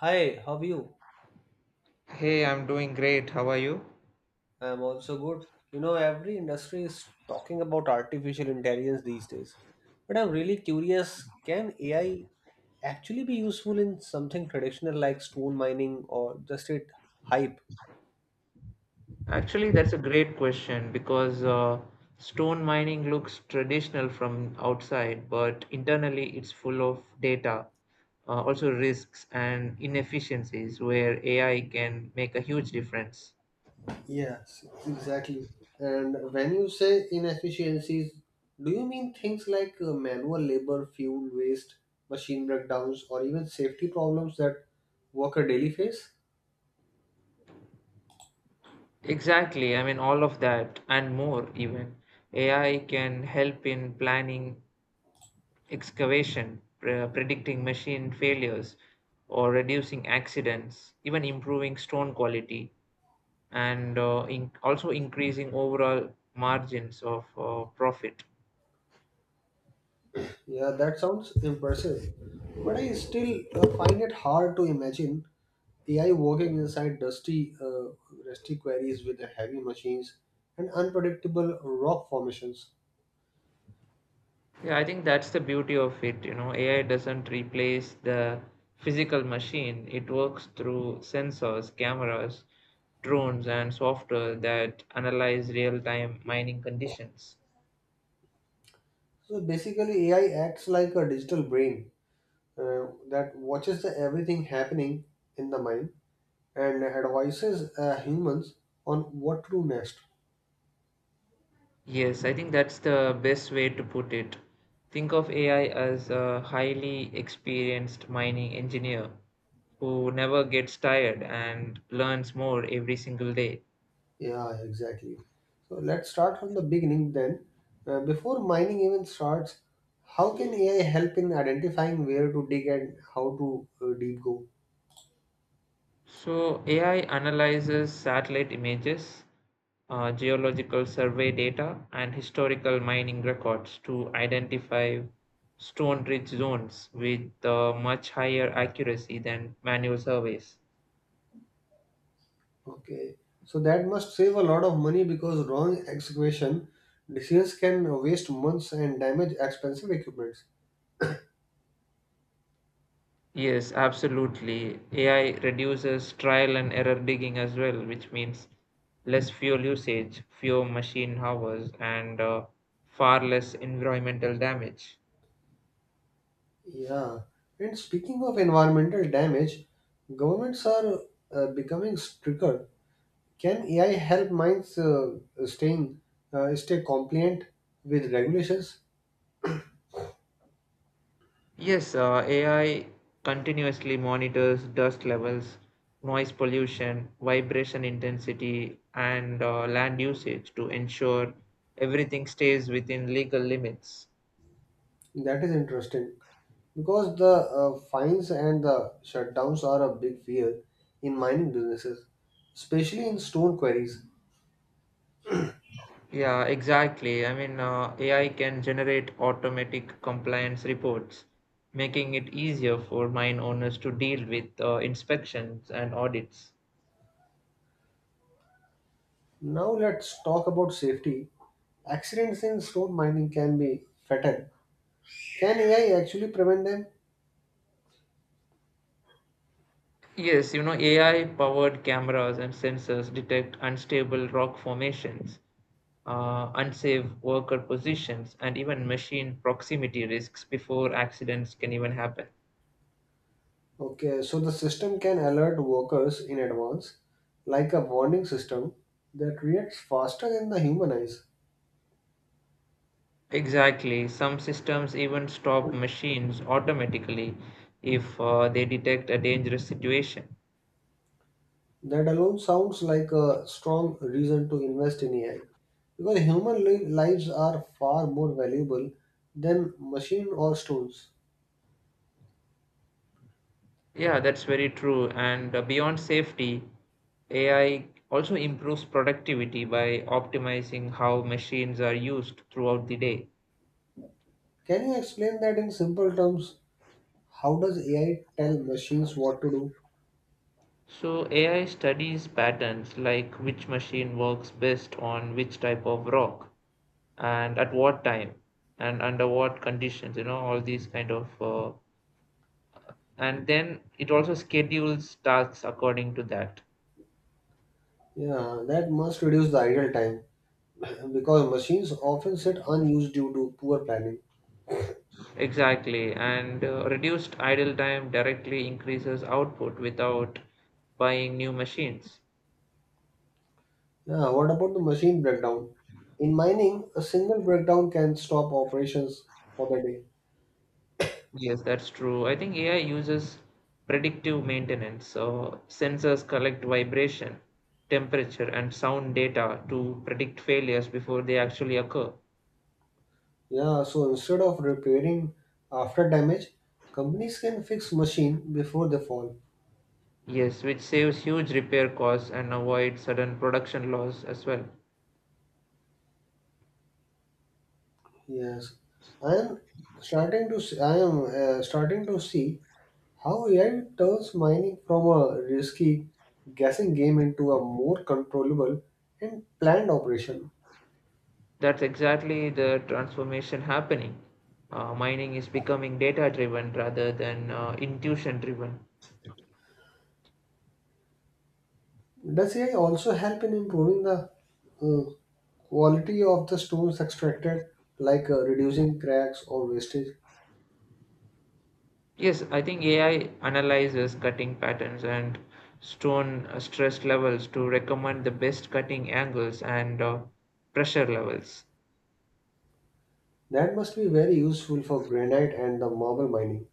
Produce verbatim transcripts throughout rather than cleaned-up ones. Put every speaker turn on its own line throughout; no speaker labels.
Hi, how are you?
Hey, I'm doing great. How are you?
I'm also good. You know, every industry is talking about artificial intelligence these days. But I'm really curious, can A I actually be useful in something traditional like stone mining or just it hype?
Actually, that's a great question because uh, stone mining looks traditional from outside, but internally it's full of data, uh, also risks and inefficiencies where A I can make a huge difference.
Yes, exactly. And when you say inefficiencies, do you mean things like uh, manual labor, fuel waste, machine breakdowns, or even safety problems that worker daily face?
Exactly, I mean, all of that and more, even. A I can help in planning excavation, pre- predicting machine failures, or reducing accidents, even improving stone quality. And uh, in also increasing overall margins of uh, profit.
Yeah, that sounds impressive. But I still uh, find it hard to imagine A I working inside dusty, uh, rusty quarries with the heavy machines and unpredictable rock formations.
Yeah, I think that's the beauty of it. You know, A I doesn't replace the physical machine, it works through sensors, cameras, drones, and software that analyze real time mining conditions.
So basically, A I acts like a digital brain uh, that watches the everything happening in the mine and advises uh, humans on what to do next.
Yes, I think that's the best way to put it. Think of A I as a highly experienced mining engineer who never gets tired and learns more every single day.
Yeah, exactly. So let's start from the beginning then. Uh, before mining even starts, how can A I help in identifying where to dig and how to uh, deep go?
So, A I analyzes satellite images, uh, geological survey data, and historical mining records to identify stone rich zones with uh, much higher accuracy than manual surveys.
Okay, so that must save a lot of money because wrong excavation decisions can waste months and damage expensive equipments.
Yes, absolutely. A I reduces trial and error digging as well, which means less fuel usage, fewer machine hours, and uh, far less environmental damage.
Yeah, and speaking of environmental damage, governments are uh, becoming stricter. Can A I help minds uh, staying uh, stay compliant with regulations?
Yes, uh, A I continuously monitors dust levels, noise pollution, vibration intensity, and uh, land usage to ensure everything stays within legal limits.
That is interesting because the uh, fines and the shutdowns are a big fear in mining businesses, especially in stone quarries.
Yeah, exactly. I mean, uh, A I can generate automatic compliance reports, making it easier for mine owners to deal with uh, inspections and audits.
Now let's talk about safety. Accidents in stone mining can be fatal. Can A I actually prevent them?
Yes, you know, A I powered cameras and sensors detect unstable rock formations, uh, unsafe worker positions, and even machine proximity risks before accidents can even happen.
Okay, so the system can alert workers in advance, like a warning system that reacts faster than the human eyes.
Exactly, some systems even stop machines automatically if uh, they detect a dangerous situation.
That alone sounds like a strong reason to invest in A I because human li- lives are far more valuable than machine or stones.
Yeah, that's very true. And uh, beyond safety, A I also improves productivity by optimizing how machines are used throughout the day.
Can you explain that in simple terms? How does A I tell machines what to do?
So, A I studies patterns like which machine works best on which type of rock and at what time and under what conditions, you know, all these kind of uh, and then it also schedules tasks according to that.
Yeah, that must reduce the idle time because machines often sit unused due to poor planning.
Exactly, and uh, reduced idle time directly increases output without buying new machines.
Yeah, what about the machine breakdown? In mining, a single breakdown can stop operations for the day.
Yes, that's true. I think AI uses predictive maintenance, so sensors collect vibration, temperature and sound data to predict failures before they actually occur.
Yeah, so instead of repairing after damage, companies can fix machine before they fall.
Yes, which saves huge repair costs and avoids sudden production loss as well.
Yes, I am starting to see, I am uh, starting to see how A I turns mining from a risky guessing game into a more controllable and planned operation.
That's exactly the transformation happening. Uh, mining is becoming data driven rather than uh, intuition driven.
Does A I also help in improving the uh, quality of the stones extracted, like uh, reducing cracks or wastage?
Yes, I think A I analyzes cutting patterns and stone uh, stress levels to recommend the best cutting angles and uh, pressure levels.
That must be very useful for granite and the marble mining,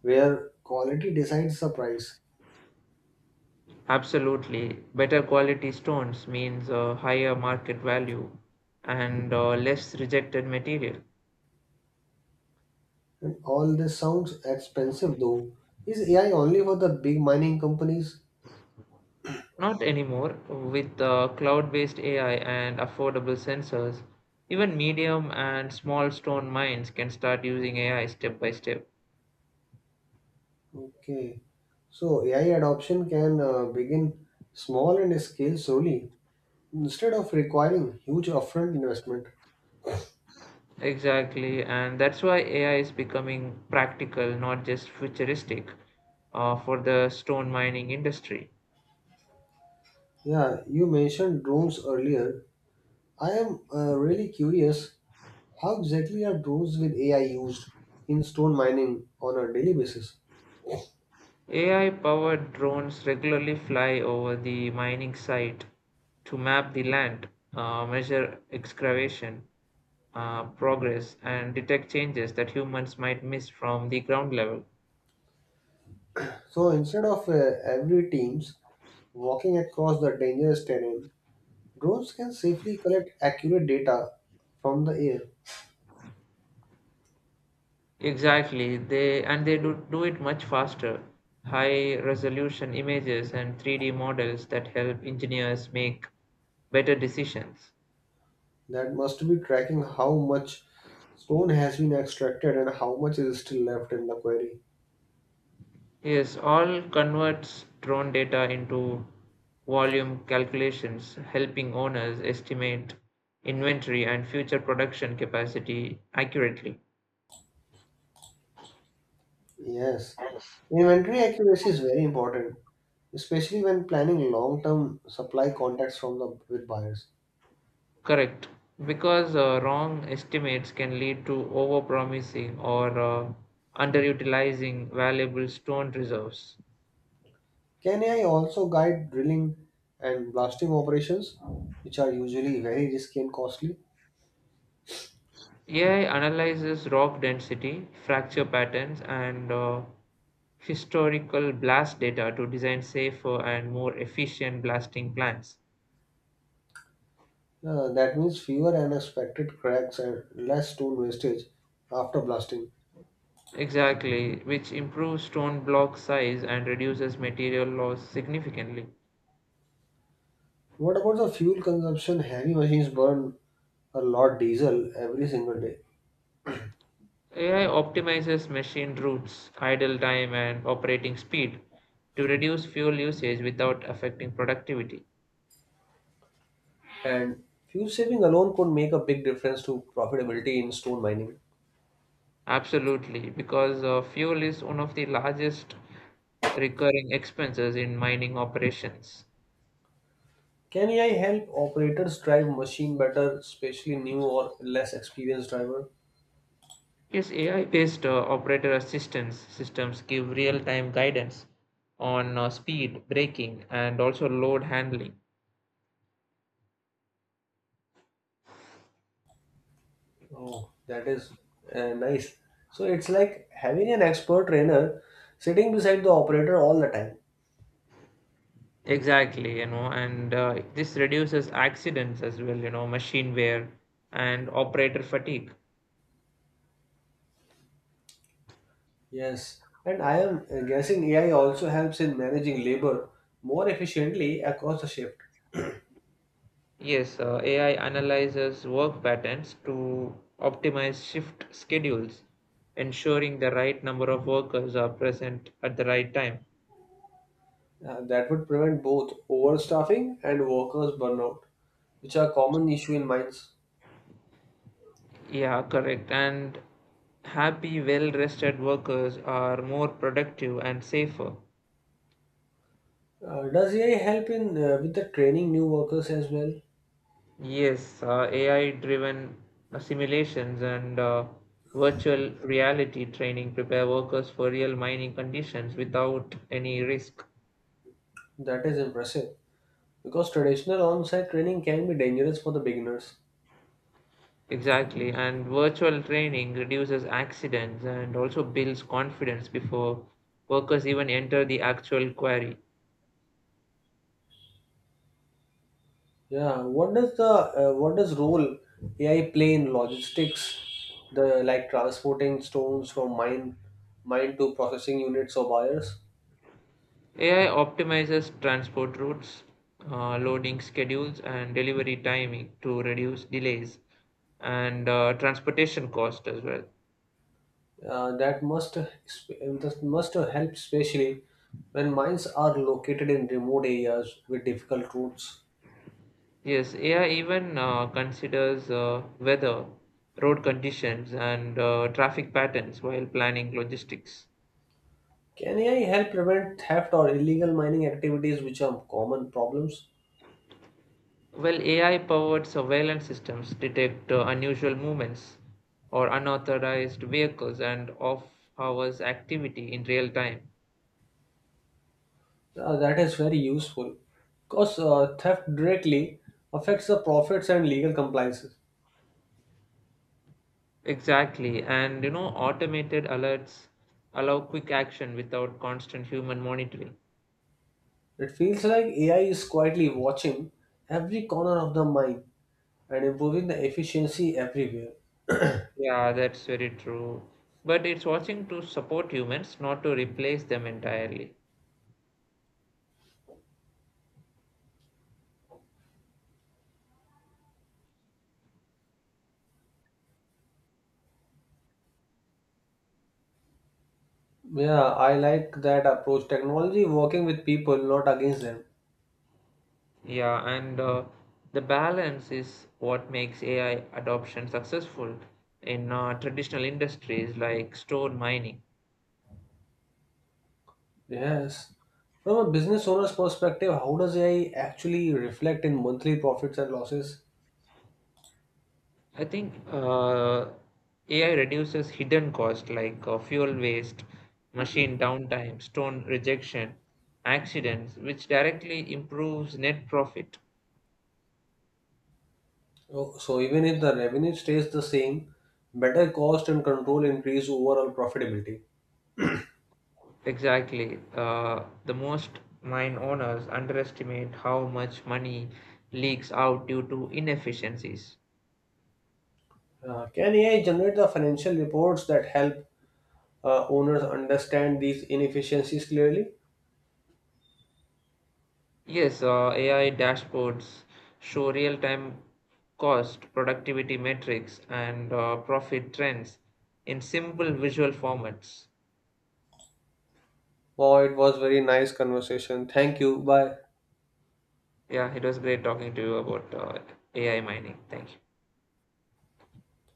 where quality decides the price.
Absolutely. Better quality stones means a higher market value and uh, less rejected material.
And all this sounds expensive though. Is A I only for the big mining companies?
Not anymore. With uh, cloud-based A I and affordable sensors, even medium and small stone mines can start using A I step by step.
Okay. So A I adoption can uh, begin small and scale slowly instead of requiring huge upfront investment.
Exactly, and that's why A I is becoming practical, not just futuristic, uh, for the stone mining industry.
Yeah, you mentioned drones earlier. I am uh, really curious how exactly are drones with A I used in stone mining on a daily basis?
A I powered drones regularly fly over the mining site to map the land, uh, measure excavation uh, progress, and detect changes that humans might miss from the ground level.
So instead of uh, every teams walking across the dangerous terrain, drones can safely collect accurate data from the air.
Exactly, they and they do, do it much faster. High resolution images and three D models that help engineers make better decisions.
That must be tracking how much stone has been extracted and how much is still left in the quarry.
Yes, all converts drone data into volume calculations, helping owners estimate inventory and future production capacity accurately.
Yes, inventory accuracy is very important, especially when planning long-term supply contracts from the with buyers.
Correct, because uh, wrong estimates can lead to overpromising or uh, underutilizing valuable stone reserves.
Can A I also guide drilling and blasting operations, which are usually very risky and costly?
A I analyzes rock density, fracture patterns, and uh, historical blast data to design safer and more efficient blasting plans.
Uh, that means fewer unexpected cracks and less stone wastage after blasting.
Exactly, which improves stone block size and reduces material loss significantly.
What about the fuel consumption? Heavy machines burn a lot diesel every single day,
A I optimizes machine routes, idle time, and operating speed to reduce fuel usage without affecting productivity.
and fuel saving alone could make a big difference to profitability in stone mining.
Absolutely, because uh, fuel is one of the largest recurring expenses in mining operations.
Can A I help operators drive machine better, especially new or less experienced driver?
Yes, A I-based uh, operator assistance systems give real-time guidance on uh, speed, braking, and also load handling.
Oh, that is uh, nice. So it's like having an expert trainer sitting beside the operator all the time.
Exactly, you know, and uh, this reduces accidents as well, you know, machine wear and operator fatigue.
Yes, and I am uh, guessing A I also helps in managing labor more efficiently across the shift.
Yes, uh, A I analyzes work patterns to optimize shift schedules, ensuring the right number of workers are present at the right time.
Uh, that would prevent both overstaffing and workers' burnout, which are common issue in mines.
Yeah, correct. And happy, well rested workers are more productive and safer.
Uh, does A I help in uh, with the training new workers as well?
Yes, uh, A I driven simulations and uh, virtual reality training prepare workers for real mining conditions without any risk.
That is impressive because traditional on-site training can be dangerous for the beginners.
Exactly, and virtual training reduces accidents and also builds confidence before workers even enter the actual quarry.
Yeah, what does the uh, what does role A I play in logistics, the like transporting stones from mine mine to processing units or buyers?
A I optimizes transport routes, uh, loading schedules, and delivery timing to reduce delays and uh, transportation cost as well.
Uh, that must that must help especially when mines are located in remote areas with difficult routes.
Yes, A I even uh, considers uh, weather, road conditions, and uh, traffic patterns while planning logistics.
Can A I help prevent theft or illegal mining activities, which are common problems?
Well, A I powered surveillance systems detect uh, unusual movements or unauthorized vehicles and off hours activity in real time.
Uh, that is very useful because uh, theft directly affects the profits and legal compliance.
Exactly. And you know, automated alerts allow quick action without constant human monitoring.
It feels like A I is quietly watching every corner of the mind and improving the efficiency everywhere.
Yeah, that's very true. But it's watching to support humans, not to replace them entirely.
Yeah, I like that approach. Technology working with people, not against them.
Yeah, and uh, the balance is what makes A I adoption successful in uh, traditional industries like stone mining.
Yes. From a business owner's perspective, how does A I actually reflect in monthly profits and losses?
I think uh, A I reduces hidden costs like uh, fuel waste, machine downtime, stone rejection, accidents, which directly improves net profit.
Oh. So, even if the revenue stays the same, better cost and control increase overall profitability.
Exactly. Uh, the most mine owners underestimate how much money leaks out due to inefficiencies.
Uh, can A I generate the financial reports that help uh, owners understand these inefficiencies clearly?
Yes, uh, A I dashboards show real-time cost, productivity metrics, and uh, profit trends in simple visual formats.
Wow, it was very nice conversation. Thank you. Bye.
Yeah, it was great talking to you about uh, A I mining. Thank you.